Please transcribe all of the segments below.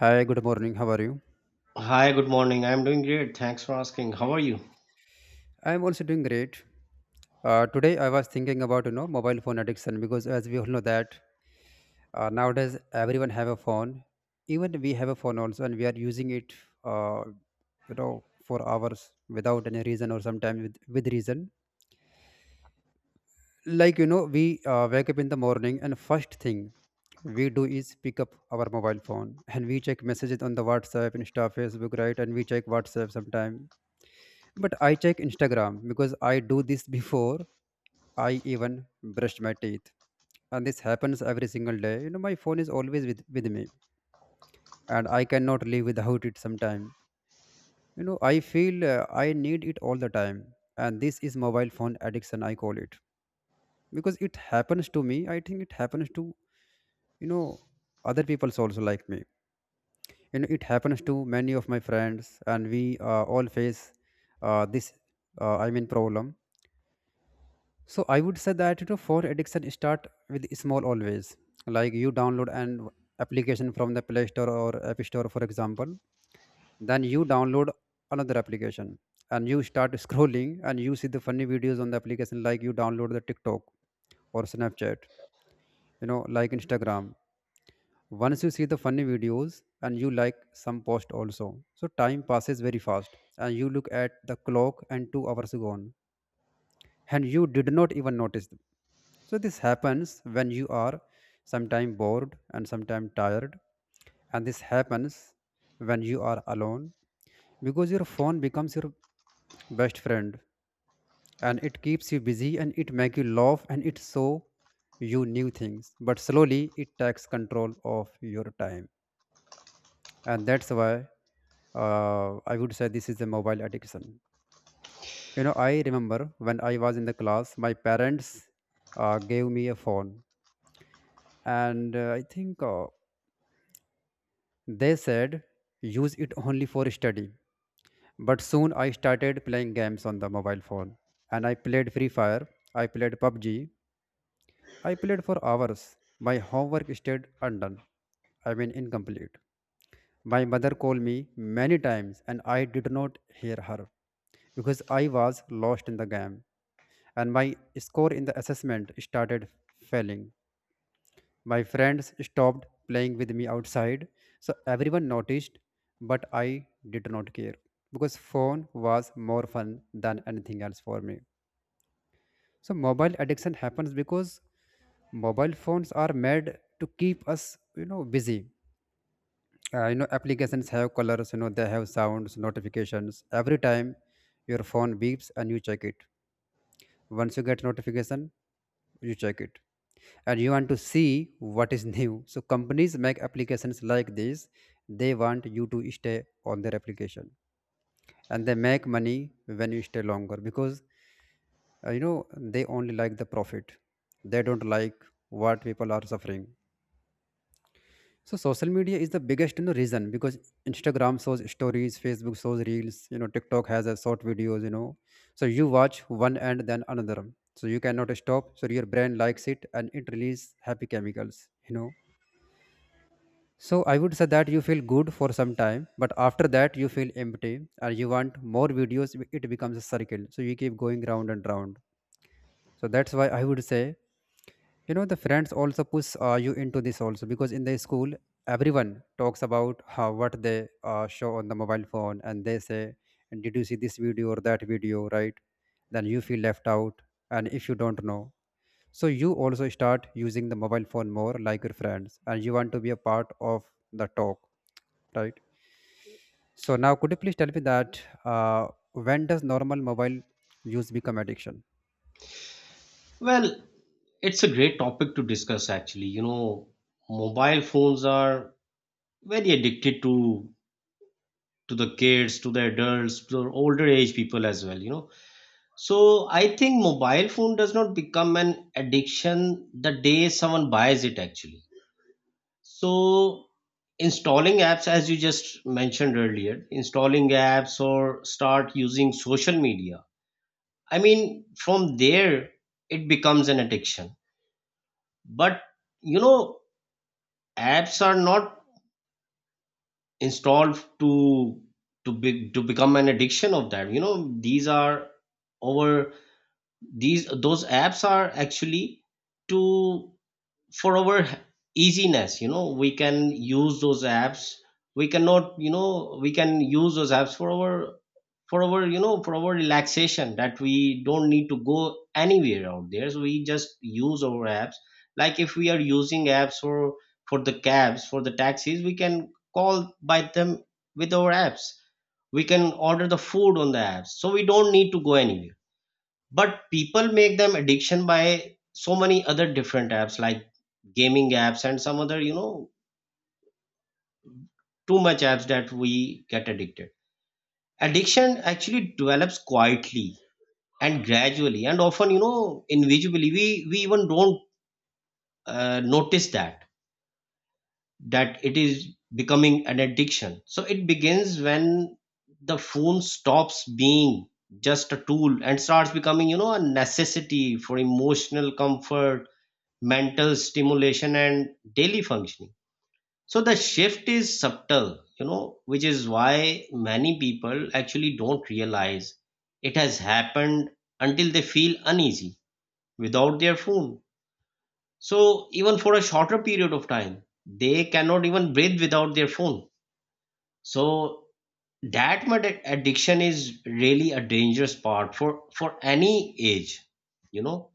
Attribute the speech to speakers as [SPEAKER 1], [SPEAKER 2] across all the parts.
[SPEAKER 1] Hi, good morning. How are you?
[SPEAKER 2] Hi, good morning. I'm doing great. Thanks for asking. How are you?
[SPEAKER 1] I'm also doing great. Today I was thinking about mobile phone addiction because as we all know that nowadays everyone have a phone, even we have a phone also, and we are using it uh, for hours without any reason or sometimes with reason. Like we wake up in the morning, and first thing we do is pick up our mobile phone and we check messages on the WhatsApp, Insta, Facebook, right? And we check WhatsApp sometime, but I check Instagram, because I do this before I even brushed my teeth. And this happens every single day. You know, my phone is always with me, and I cannot live without it sometime. You know, I feel I need it all the time. And this is mobile phone addiction, I call it. Because it happens to me. I think it happens to, you know, other people also like me. You know, it happens to many of my friends, and we all face this, I mean, problem. So I would say that for addiction start with small always. Like you download an application from the Play Store or App Store, for example. Then you download another application and you start scrolling and you see the funny videos on the application, like you download the TikTok or Snapchat, like Instagram. Once you see the funny videos and you like some post also. So time passes very fast and you look at the clock and 2 hours gone, and you did not even notice. So this happens when you are sometimes bored and sometimes tired, and this happens when you are alone, because your phone becomes your best friend and it keeps you busy and it make you laugh and it show you new things. But slowly it takes control of your time, and that's why I would say this is a mobile addiction. You know, I remember when I was in the class, my parents gave me a phone, and I think. They said use it only for study. But soon I started playing games on the mobile phone, and I played Free Fire, I played PUBG, I played for hours. My homework stayed undone. I mean incomplete. My mother called me many times and I did not hear her because I was lost in the game, and my score in the assessment started failing. My friends stopped playing with me outside, so everyone noticed, but I did not care because phone was more fun than anything else for me. So mobile addiction happens because mobile phones are made to keep us, busy. Applications have colors, they have sounds, notifications. Every time your phone beeps and you check it. Once you get notification, you check it, and you want to see what is new. So companies make applications like this. They want you to stay on their application, and they make money when you stay longer because uh, you know they only like the profit. They don't like what people are suffering. So social media is the biggest reason, because Instagram shows stories, Facebook shows reels, TikTok has a short videos. So you watch one and then another. So you cannot stop. So your brain likes it and it releases happy chemicals, you know So I would say that you feel good for some time, but after that you feel empty and you want more videos. It becomes a circle, so you keep going round and round. So that's why I would say, the friends also push you into this also, because in the school everyone talks about how what they show on the mobile phone, and they say, and did you see this video or that video, right? Then you feel left out, and if you don't know, so you also start using the mobile phone more like your friends, and you want to be a part of the talk, right? So now, could you please tell me that uh, when does normal mobile use become addiction?
[SPEAKER 2] Well, it's a great topic to discuss actually. You know, mobile phones are very addicted to the kids, to the adults, to the older age people as well, you know. So I think mobile phone does not become an addiction the day someone buys it actually. So installing apps, as you just mentioned earlier, installing apps or start using social media, I mean, from there, it becomes an addiction. But you know, apps are not installed to become an addiction of that. You know, our these those apps are actually to, for our easiness. You know, we can use those apps. We cannot You know, we can use those apps for our, for our, you know, for our relaxation, that we don't need to go anywhere out there, so we just use our apps. Like if we are using apps for the cabs, for the taxis, we can call by them with our apps. We can order the food on the apps, so we don't need to go anywhere. But people make them addiction by so many other different apps like gaming apps and some other, you know, too much apps that we get addicted. Addiction actually develops quietly and gradually and often, you know, invisibly. We even don't notice that that it is becoming an addiction. So it begins when the phone stops being just a tool and starts becoming, you know, a necessity for emotional comfort, mental stimulation, and daily functioning. So the shift is subtle, you know, which is why many people actually don't realize it has happened until they feel uneasy without their phone. So even for a shorter period of time, they cannot even breathe without their phone. So that much addiction is really a dangerous part for any age, you know.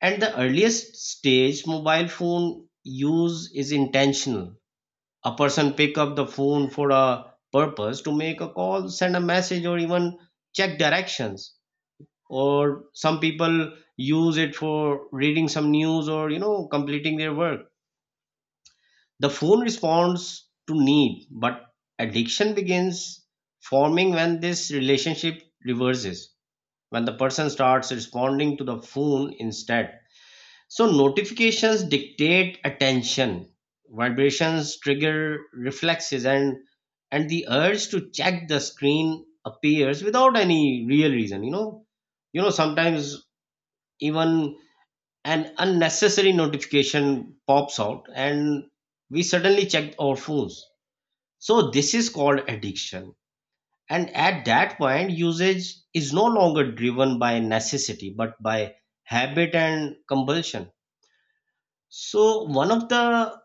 [SPEAKER 2] At the earliest stage, mobile phone use is intentional. A person pick up the phone for a purpose: to make a call, send a message, or even check directions. Or some people use it for reading some news or, you know, completing their work. The phone responds to need, but addiction begins forming when this relationship reverses, when the person starts responding to the phone instead. So notifications dictate attention. Vibrations trigger reflexes, and the urge to check the screen appears without any real reason. You know, you know, sometimes even an unnecessary notification pops out, and we suddenly check our phones. So this is called addiction. And at that point, usage is no longer driven by necessity but by habit and compulsion. So one of the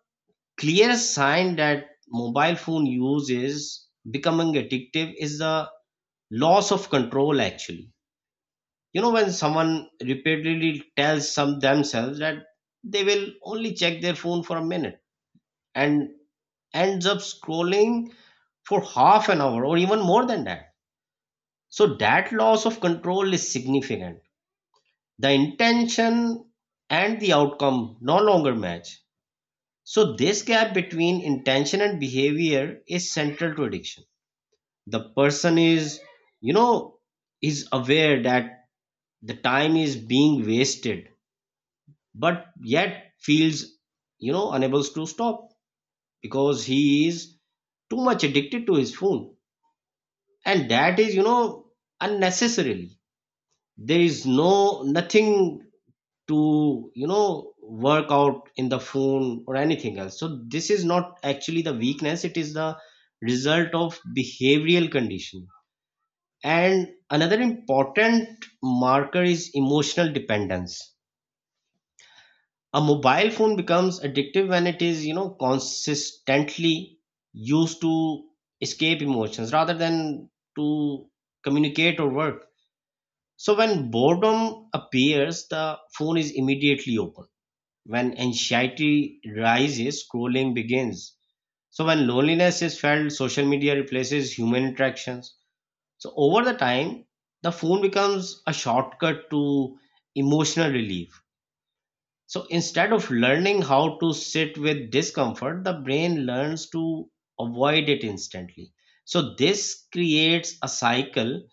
[SPEAKER 2] clear sign that mobile phone use is becoming addictive is the loss of control, actually. You know, when someone repeatedly tells some themselves that they will only check their phone for a minute and ends up scrolling for half an hour or even more than that, so that loss of control is significant. The intention and the outcome no longer match. So this gap between intention and behavior is central to addiction. The person is, you know, is aware that the time is being wasted, but yet feels, you know, unable to stop because he is too much addicted to his phone. And that is, you know, unnecessarily, there is no nothing to, you know, work out in the phone or anything else. So this is not actually the weakness, it is the result of behavioral conditioning. And another important marker is emotional dependence. A mobile phone becomes addictive when it is, you know, consistently used to escape emotions rather than to communicate or work. So when boredom appears, the phone is immediately open. When anxiety rises, scrolling begins. So when loneliness is felt, social media replaces human interactions. So over the time, the phone becomes a shortcut to emotional relief. So instead of learning how to sit with discomfort, the brain learns to avoid it instantly. So this creates a cycle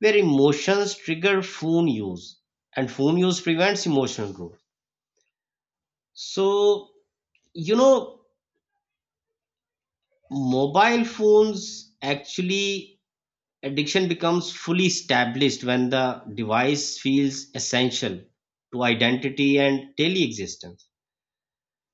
[SPEAKER 2] where emotions trigger phone use and phone use prevents emotional growth. So, you know, mobile phones actually, addiction becomes fully established when the device feels essential to identity and daily existence.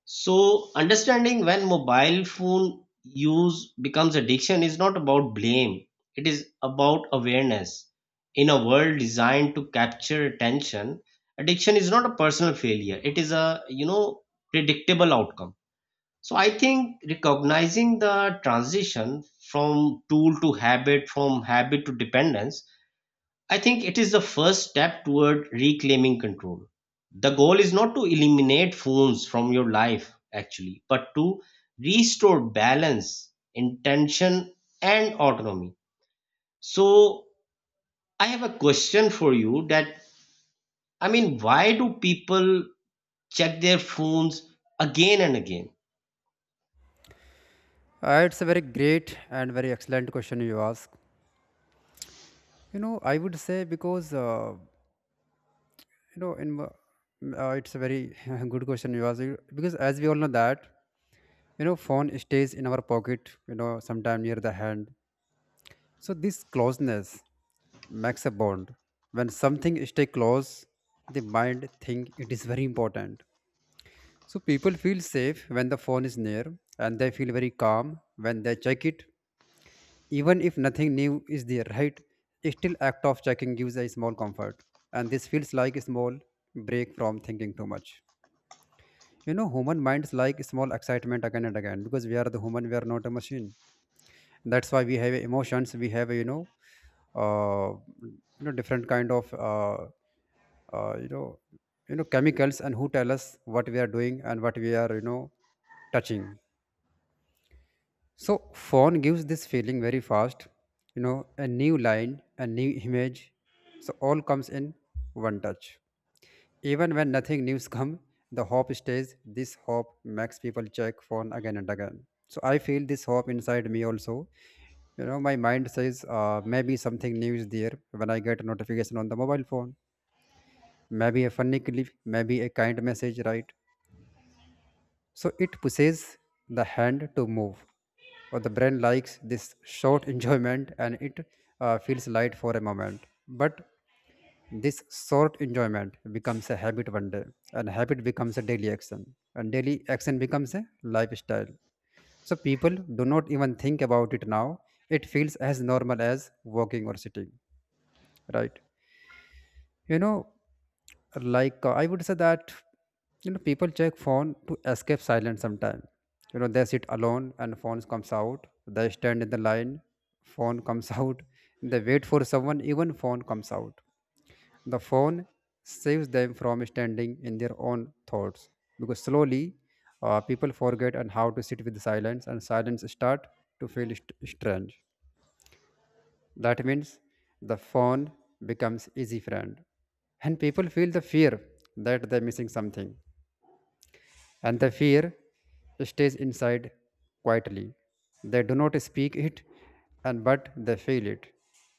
[SPEAKER 2] So, understanding when mobile phone use becomes addiction is not about blame, it is about awareness. In a world designed to capture attention, addiction is not a personal failure, it is a, you know, predictable outcome. So I think recognizing the transition from tool to habit, from habit to dependence, I think it is the first step toward reclaiming control. The goal is not to eliminate phones from your life, actually, but to restore balance, intention, and autonomy. So, I have a question for you that I mean, why do people check their phones again and again?
[SPEAKER 1] It's a very great and very excellent question you ask. You know, I would say because you know, in mo- m- it's a very good question you ask, because as we all know that phone stays in our pocket. You know, sometime near the hand. So this closeness makes a bond. When something stay close, the mind think it is very important. So people feel safe when the phone is near, and they feel very calm when they check it. Even if nothing new is there, right? Still act of checking gives a small comfort. And this feels like a small break from thinking too much. You know, human minds like small excitement again and again because we are the human, we are not a machine. That's why we have emotions. We have uh, different kind of uh, you know chemicals and who tell us what we are doing and what we are touching. So phone gives this feeling very fast. A new line, a new image, so all comes in one touch. Even when nothing news come, the hope stays. This hope makes people check phone again and again. So I feel this hope inside me also. You know, my mind says maybe something new is there when I get a notification on the mobile phone. Maybe a funny clip, maybe a kind message, right? So it pushes the hand to move. Or the brain likes this short enjoyment and it feels light for a moment. But this short enjoyment becomes a habit one day, and habit becomes a daily action, and daily action becomes a lifestyle. So people do not even think about it now. It feels as normal as walking or sitting, right? You know, like I would say that people check phone to escape silence sometime. You know, they sit alone and phones comes out. They stand in the line, phone comes out. They wait for someone, even phone comes out. The phone saves them from standing in their own thoughts, because slowly people forget and how to sit with silence, and silence start to feel strange. That means the phone becomes easy friend, and people feel the fear that they're missing something, and the fear stays inside quietly. They do not speak it, and but they feel it.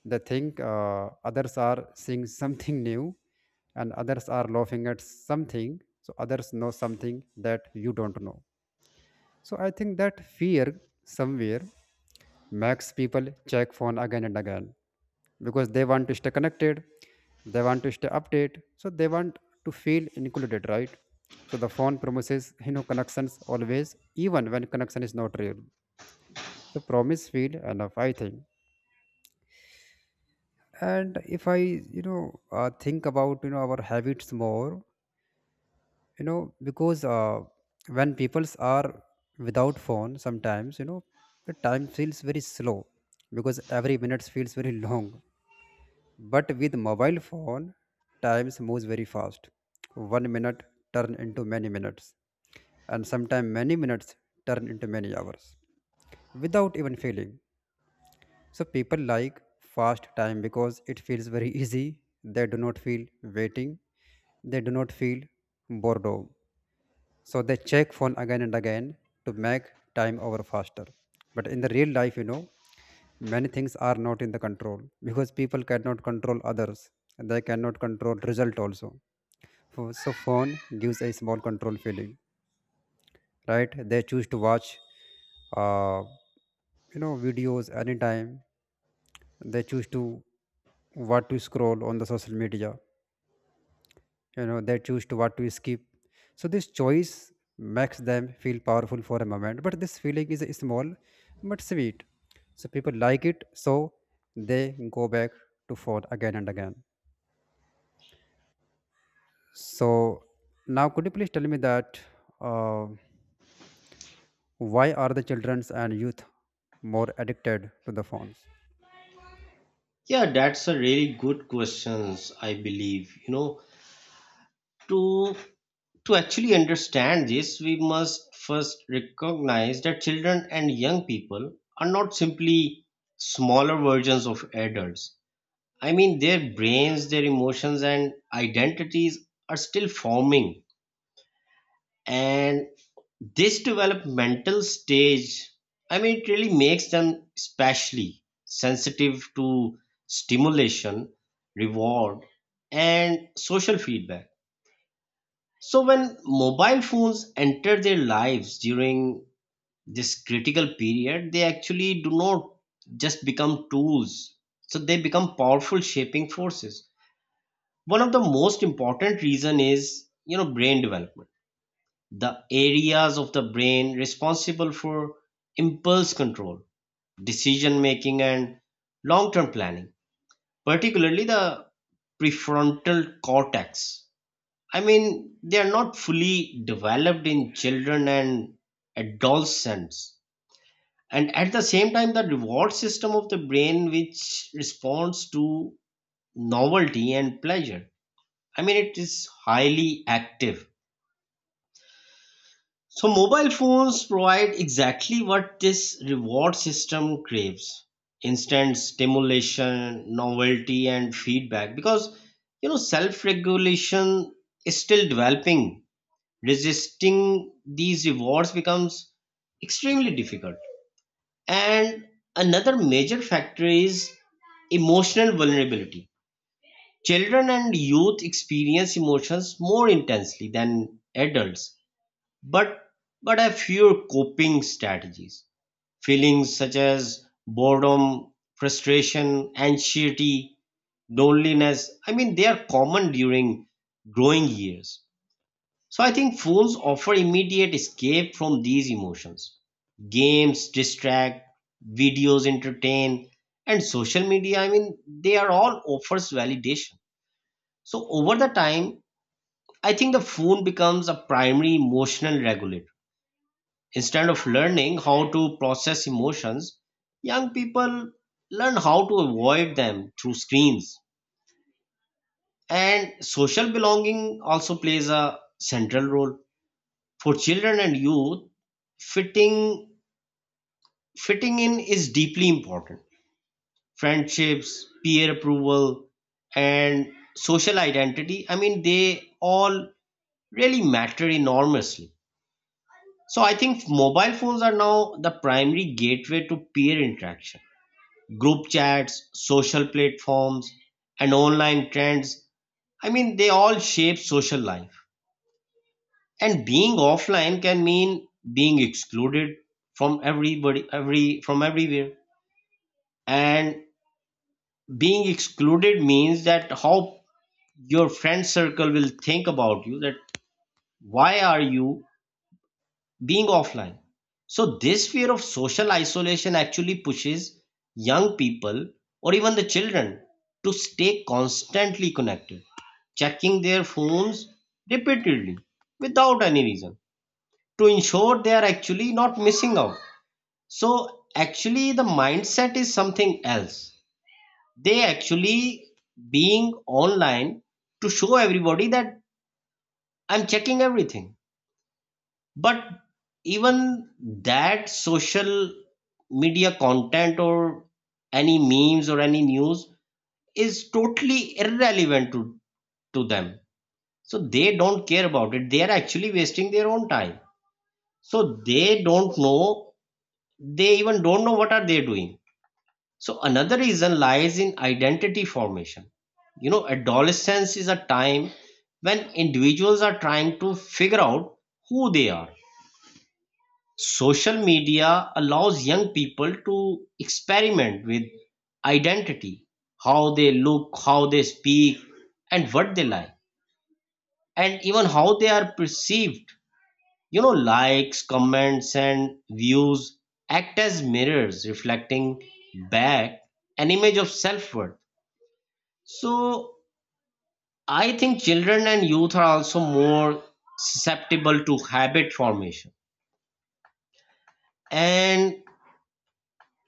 [SPEAKER 1] They think others are seeing something new, and others are laughing at something. So others know something that you don't know. So I think that fear somewhere makes people check phone again and again, because they want to stay connected. They want to stay updated, so they want to feel included, right? So the phone promises connections always, even when connection is not real. So promise feel enough, I think. And if I think about our habits more. Because when peoples are without phone sometimes, the time feels very slow, because every minute feels very long. But with mobile phone, times moves very fast. 1 minute turn into many minutes, and sometimes many minutes turn into many hours without even feeling. So people like fast time because it feels very easy. They do not feel waiting. They do not feel boredom. So they check phone again and again to make time over faster. But in the real life, many things are not in the control, because people cannot control others. They cannot control result also. So phone gives a small control feeling, right? They choose to watch, uh, videos anytime. They choose to what to scroll on the social media. They choose to what to skip, so this choice makes them feel powerful for a moment, but this feeling is small but sweet, so people like it, so they go back to phone again and again. So now, could you please tell me that uh, why are the childrens and youth more addicted to the phones?
[SPEAKER 2] Yeah, that's a really good question, I believe. You know, to to actually understand this, we must first recognize that children and young people are not simply smaller versions of adults. I mean, their brains, their emotions, and identities are still forming. And this developmental stage, I mean, it really makes them especially sensitive to stimulation, reward, and social feedback. So when mobile phones enter their lives during this critical period, they actually do not just become tools. So they become powerful shaping forces. One of the most important reason is, you know, brain development. The areas of the brain responsible for impulse control, decision making, and long-term planning, particularly the prefrontal cortex, I mean, they are not fully developed in children and adolescents. And at the same time, the reward system of the brain, which responds to novelty and pleasure, I mean, it is highly active. So, mobile phones provide exactly what this reward system craves: instant stimulation, novelty, and feedback. Because, you know, self regulation is still developing, resisting these rewards becomes extremely difficult. And another major factor is emotional vulnerability. Children and youth experience emotions more intensely than adults, but have fewer coping strategies. Feelings such as boredom, frustration, anxiety, loneliness, I mean, they are common during growing years. So I think phones offer immediate escape from these emotions. Games distract, videos entertain, and social media, I mean, they are all offers validation. So over the time, I think the phone becomes a primary emotional regulator. Instead of learning how to process emotions, young people learn how to avoid them through screens. And social belonging also plays a central role for children and youth. fitting Fitting in is deeply important. Friendships, peer approval, and social identity, I mean, they all really matter enormously. So I think mobile phones are now the primary gateway to peer interaction. Group chats, social platforms, and online trends, I mean, they all shape social life. And being offline can mean being excluded from everybody, every from everywhere. And being excluded means that how your friend circle will think about you, that why are you being offline. So this fear of social isolation actually pushes young people or even the children to stay constantly connected, checking their phones repeatedly without any reason to ensure they are actually not missing out. So actually, the mindset is something else. They actually being online to show everybody that I'm checking everything. But even that social media content or any memes or any news is totally irrelevant to them. So they don't care about it. They are actually wasting their own time. So they don't know, they even don't know what are they doing. So another reason lies in identity formation. You know, adolescence is a time when individuals are trying to figure out who they are. Social media allows young people to experiment with identity, how they look, how they speak, and what they like, and even how they are perceived. You know, likes, comments, and views act as mirrors reflecting back an image of self worth. So I think children and youth are also more susceptible to habit formation. And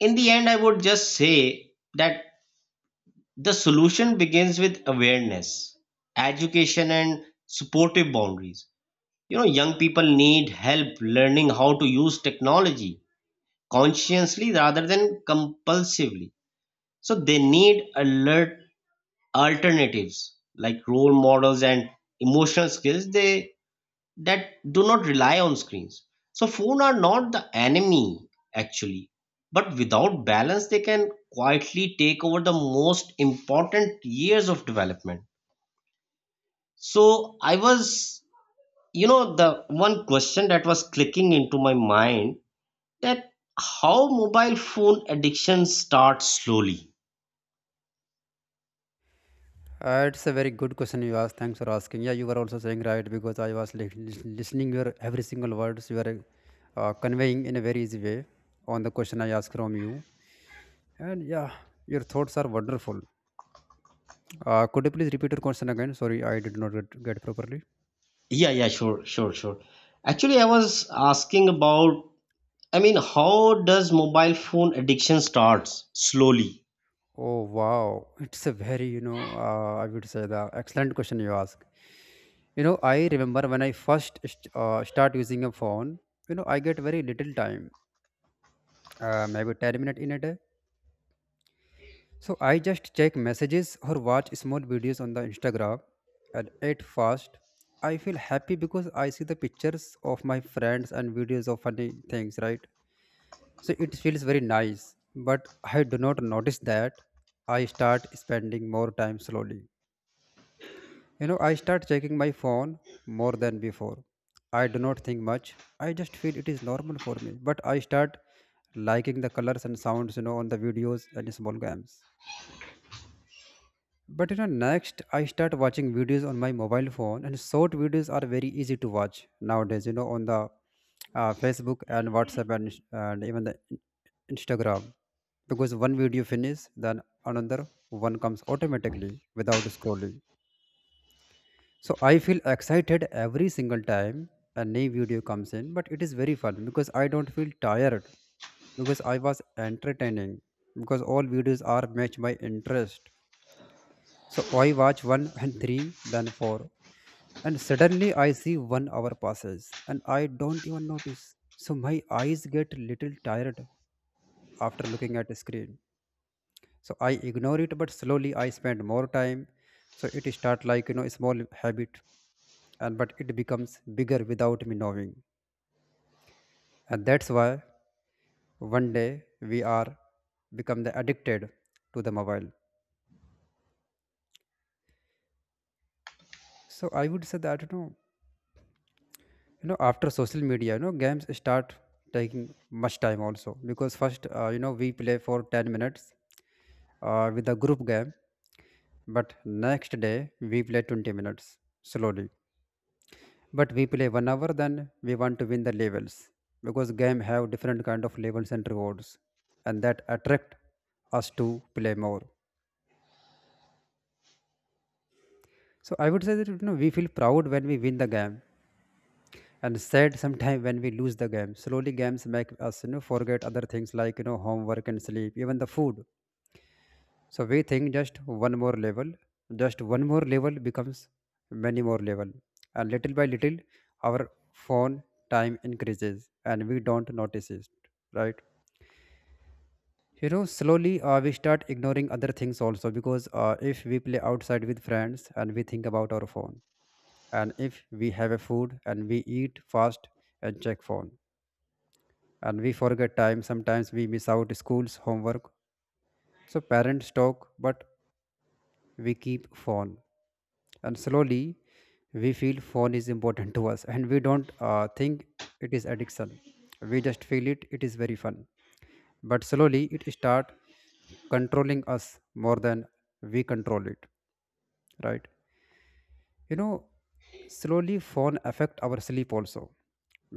[SPEAKER 2] in the end, I would just say that the solution begins with awareness, education, and supportive boundaries. You know, young people need help learning how to use technology consciously rather than compulsively. So they need alert alternatives like role models and emotional skills they that do not rely on screens. So phones are not the enemy actually, but without balance they can quietly take over the most important years of development. So I was, you know, the one question that was clicking into my mind, that how mobile phone addiction starts slowly.
[SPEAKER 1] It's a very good question you asked. Thanks for asking. Yeah, you were also saying, right? Because I was listening your every single words you were conveying in a very easy way on the question I asked from you. And yeah, your thoughts are wonderful. Could you please repeat your question again? Sorry, I did not get properly.
[SPEAKER 2] Yeah, yeah, sure, sure, sure. Actually, I was asking about, I mean, how does mobile phone addiction starts slowly?
[SPEAKER 1] Oh wow, it's a very I would say the excellent question you ask. You know, I remember when I first start using a phone. You know, I get very little time, maybe 10 minutes in a day. So I just check messages or watch small videos on the Instagram and eat fast. I feel happy because I see the pictures of my friends and videos of funny things, right? So it feels very nice, but I do not notice that I start spending more time slowly. You know, I start checking my phone more than before. I do not think much. I just feel it is normal for me, but I start liking the colors and sounds, you know, on the videos and small games. But you know, next I start watching videos on my mobile phone, and short videos are very easy to watch nowadays. You know, on the Facebook and WhatsApp and, Instagram, because one video finish, then another one comes automatically without scrolling. So I feel excited every single time a new video comes in, but it is very fun because I don't feel tired because I was entertaining because all videos are match my interest, so I watch one and three, then four, and suddenly I see one hour passes, and I don't even notice. So my eyes get little tired after looking at a screen. So I ignore it, but slowly I spend more time. So it start like you know a small habit, and but it becomes bigger without me knowing, and that's why one day we are become the addicted to the mobile. So I would say that you know after social media you know games start taking much time also because first, you know, we play for 10 minutes with a group game, but next day we play 20 minutes slowly, but we play one hour, then we want to win the levels because game have different kind of levels and rewards, and that attract us to play more. So I would say that you know we feel proud when we win the game and sad sometimes when we lose the game. Slowly games make us you know forget other things like you know homework and sleep even the food. So we think just one more level, just one more level becomes many more level, and little by little our phone time increases and we don't notice it, right? You know, slowly we start ignoring other things also because if we play outside with friends, and we think about our phone, and if we have a food and we eat fast and check phone, and we forget time, sometimes we miss out school's homework. So parents talk, but we keep phone, and slowly we feel phone is important to us, and we don't think it is addiction. We just feel it is very fun, but slowly it start controlling us more than we control it, right? You know, slowly phone affect our sleep also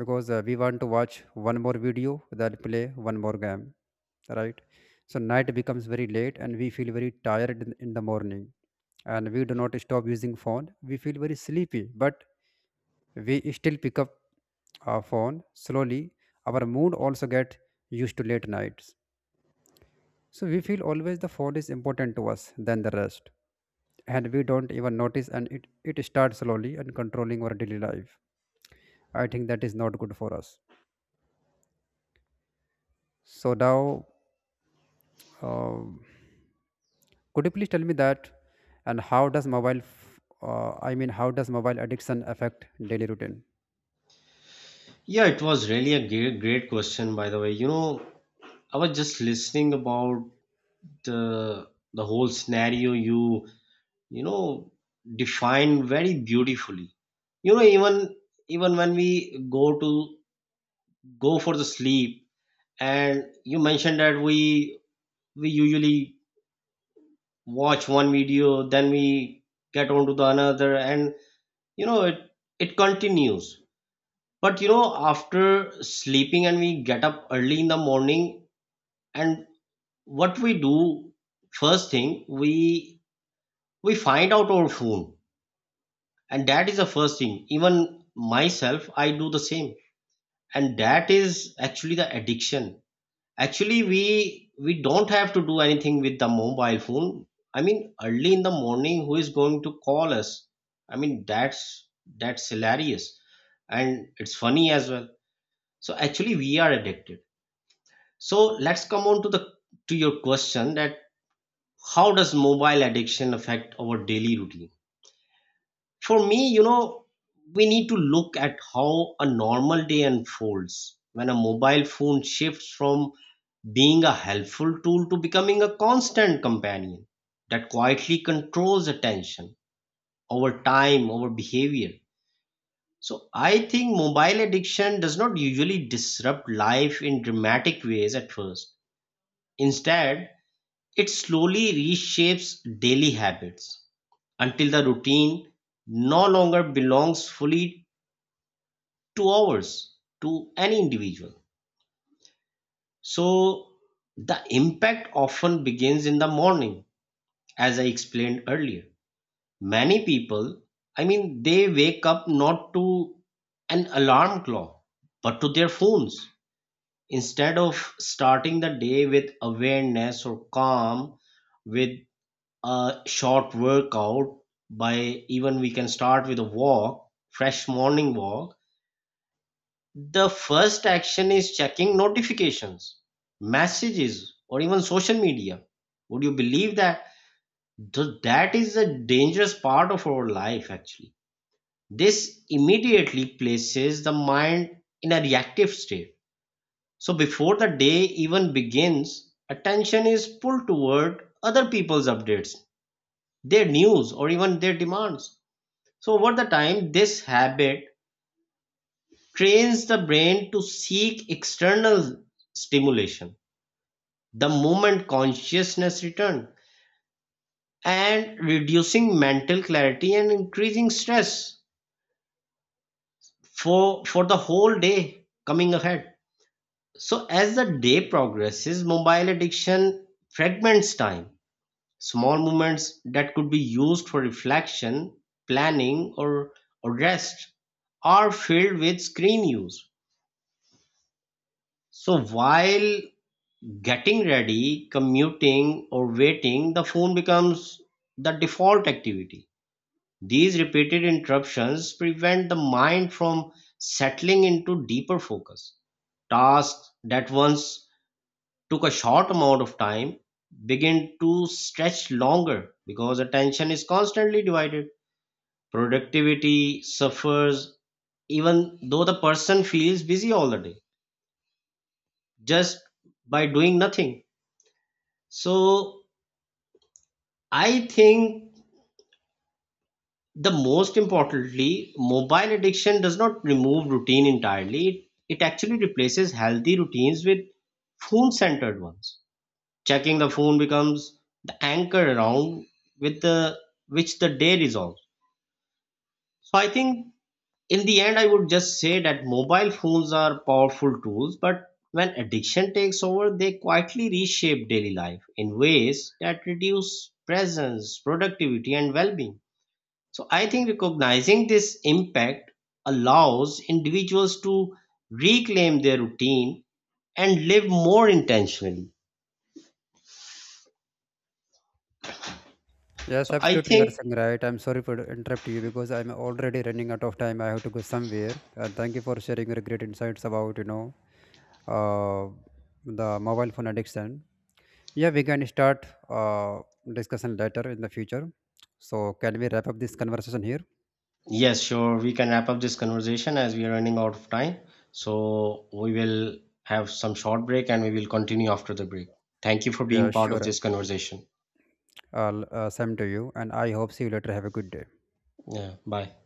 [SPEAKER 1] because we want to watch one more video then play one more game, right? So night becomes very late and we feel very tired in the morning, and we do not stop using phone. We feel very sleepy, but we still pick up our phone. Slowly our mood also get used to late nights, so we feel always the phone is important to us than the rest, and we don't even notice, and it starts slowly and controlling our daily life. I think that is not good for us. So now, um could you please tell me that, and how does mobile, how does mobile addiction affect daily routine?
[SPEAKER 2] Yeah, it was really a great question, by the way. You know, I was just listening about uh, the whole scenario you, you know, defined very beautifully. You know, even when we go to go for the sleep, and you mentioned that we usually watch one video, then we get on to the another, and you know, it continues. But you know, after sleeping and we get up early in the morning and what we do first thing we find out our phone. And that is the first thing, even myself I do the same, and that is actually the addiction. Actually, we don't have to do anything with the mobile phone. I mean, early in the morning, who is going to call us? I mean, that's hilarious, and it's funny as well. So actually we are addicted. So let's come on to the to your question, that how does mobile addiction affect our daily routine? For me, you know, we need to look at how a normal day unfolds when a mobile phone shifts from being a helpful tool to becoming a constant companion that quietly controls attention, our time, our behavior. So I think mobile addiction does not usually disrupt life in dramatic ways at first. Instead, it slowly reshapes daily habits until the routine no longer belongs fully to ours, to any individual. So the impact often begins in the morning, as I explained earlier. Many people, I mean, they wake up not to an alarm clock, but to their phones. Instead of starting the day with awareness or calm, with a short workout, by even we can start with a walk, fresh morning walk, the first action is checking notifications, messages, or even social media. Would you believe that? That is a dangerous part of our life, actually. This immediately places the mind in a reactive state. So before the day even begins, attention is pulled toward other people's updates, their news, or even their demands. So over the time, this habit trains the brain to seek external stimulation the moment consciousness return, and reducing mental clarity and increasing stress for the whole day coming ahead. So as the day progresses, mobile addiction fragments time. Small moments that could be used for reflection, planning or rest are filled with screen use. So while getting ready, commuting, or waiting, the phone becomes the default activity. These repeated interruptions prevent the mind from settling into deeper focus. Tasks that once took a short amount of time begin to stretch longer because attention is constantly divided. Productivity suffers, even though the person feels busy all the day just by doing nothing. So I think the most importantly, mobile addiction does not remove routine entirely. It actually replaces healthy routines with phone centered ones. Checking the phone becomes the anchor around with the which the day resolves. So I think, in the end, I would just say that mobile phones are powerful tools, but when addiction takes over, they quietly reshape daily life in ways that reduce presence, productivity, and well-being. So I think recognizing this impact allows individuals to reclaim their routine and live more intentionally.
[SPEAKER 1] Yes,
[SPEAKER 2] So I
[SPEAKER 1] absolutely, you are
[SPEAKER 2] think,
[SPEAKER 1] saying right. I'm sorry for to interrupt you because I'm already running out of time. I have to go somewhere. And thank you for sharing your great insights about uh, the mobile phone addiction. Yeah, we can start discussion later in the future. So, can we wrap up this conversation here?
[SPEAKER 2] yes, sure, we can wrap up this conversation as we are running out of time. So we will have some short break and we will continue after the break. Thank you for being
[SPEAKER 1] Yeah,
[SPEAKER 2] part of
[SPEAKER 1] sure.
[SPEAKER 2] this conversation.
[SPEAKER 1] I'll same to you, and I hope see you later. Have a good day.
[SPEAKER 2] Yeah, bye.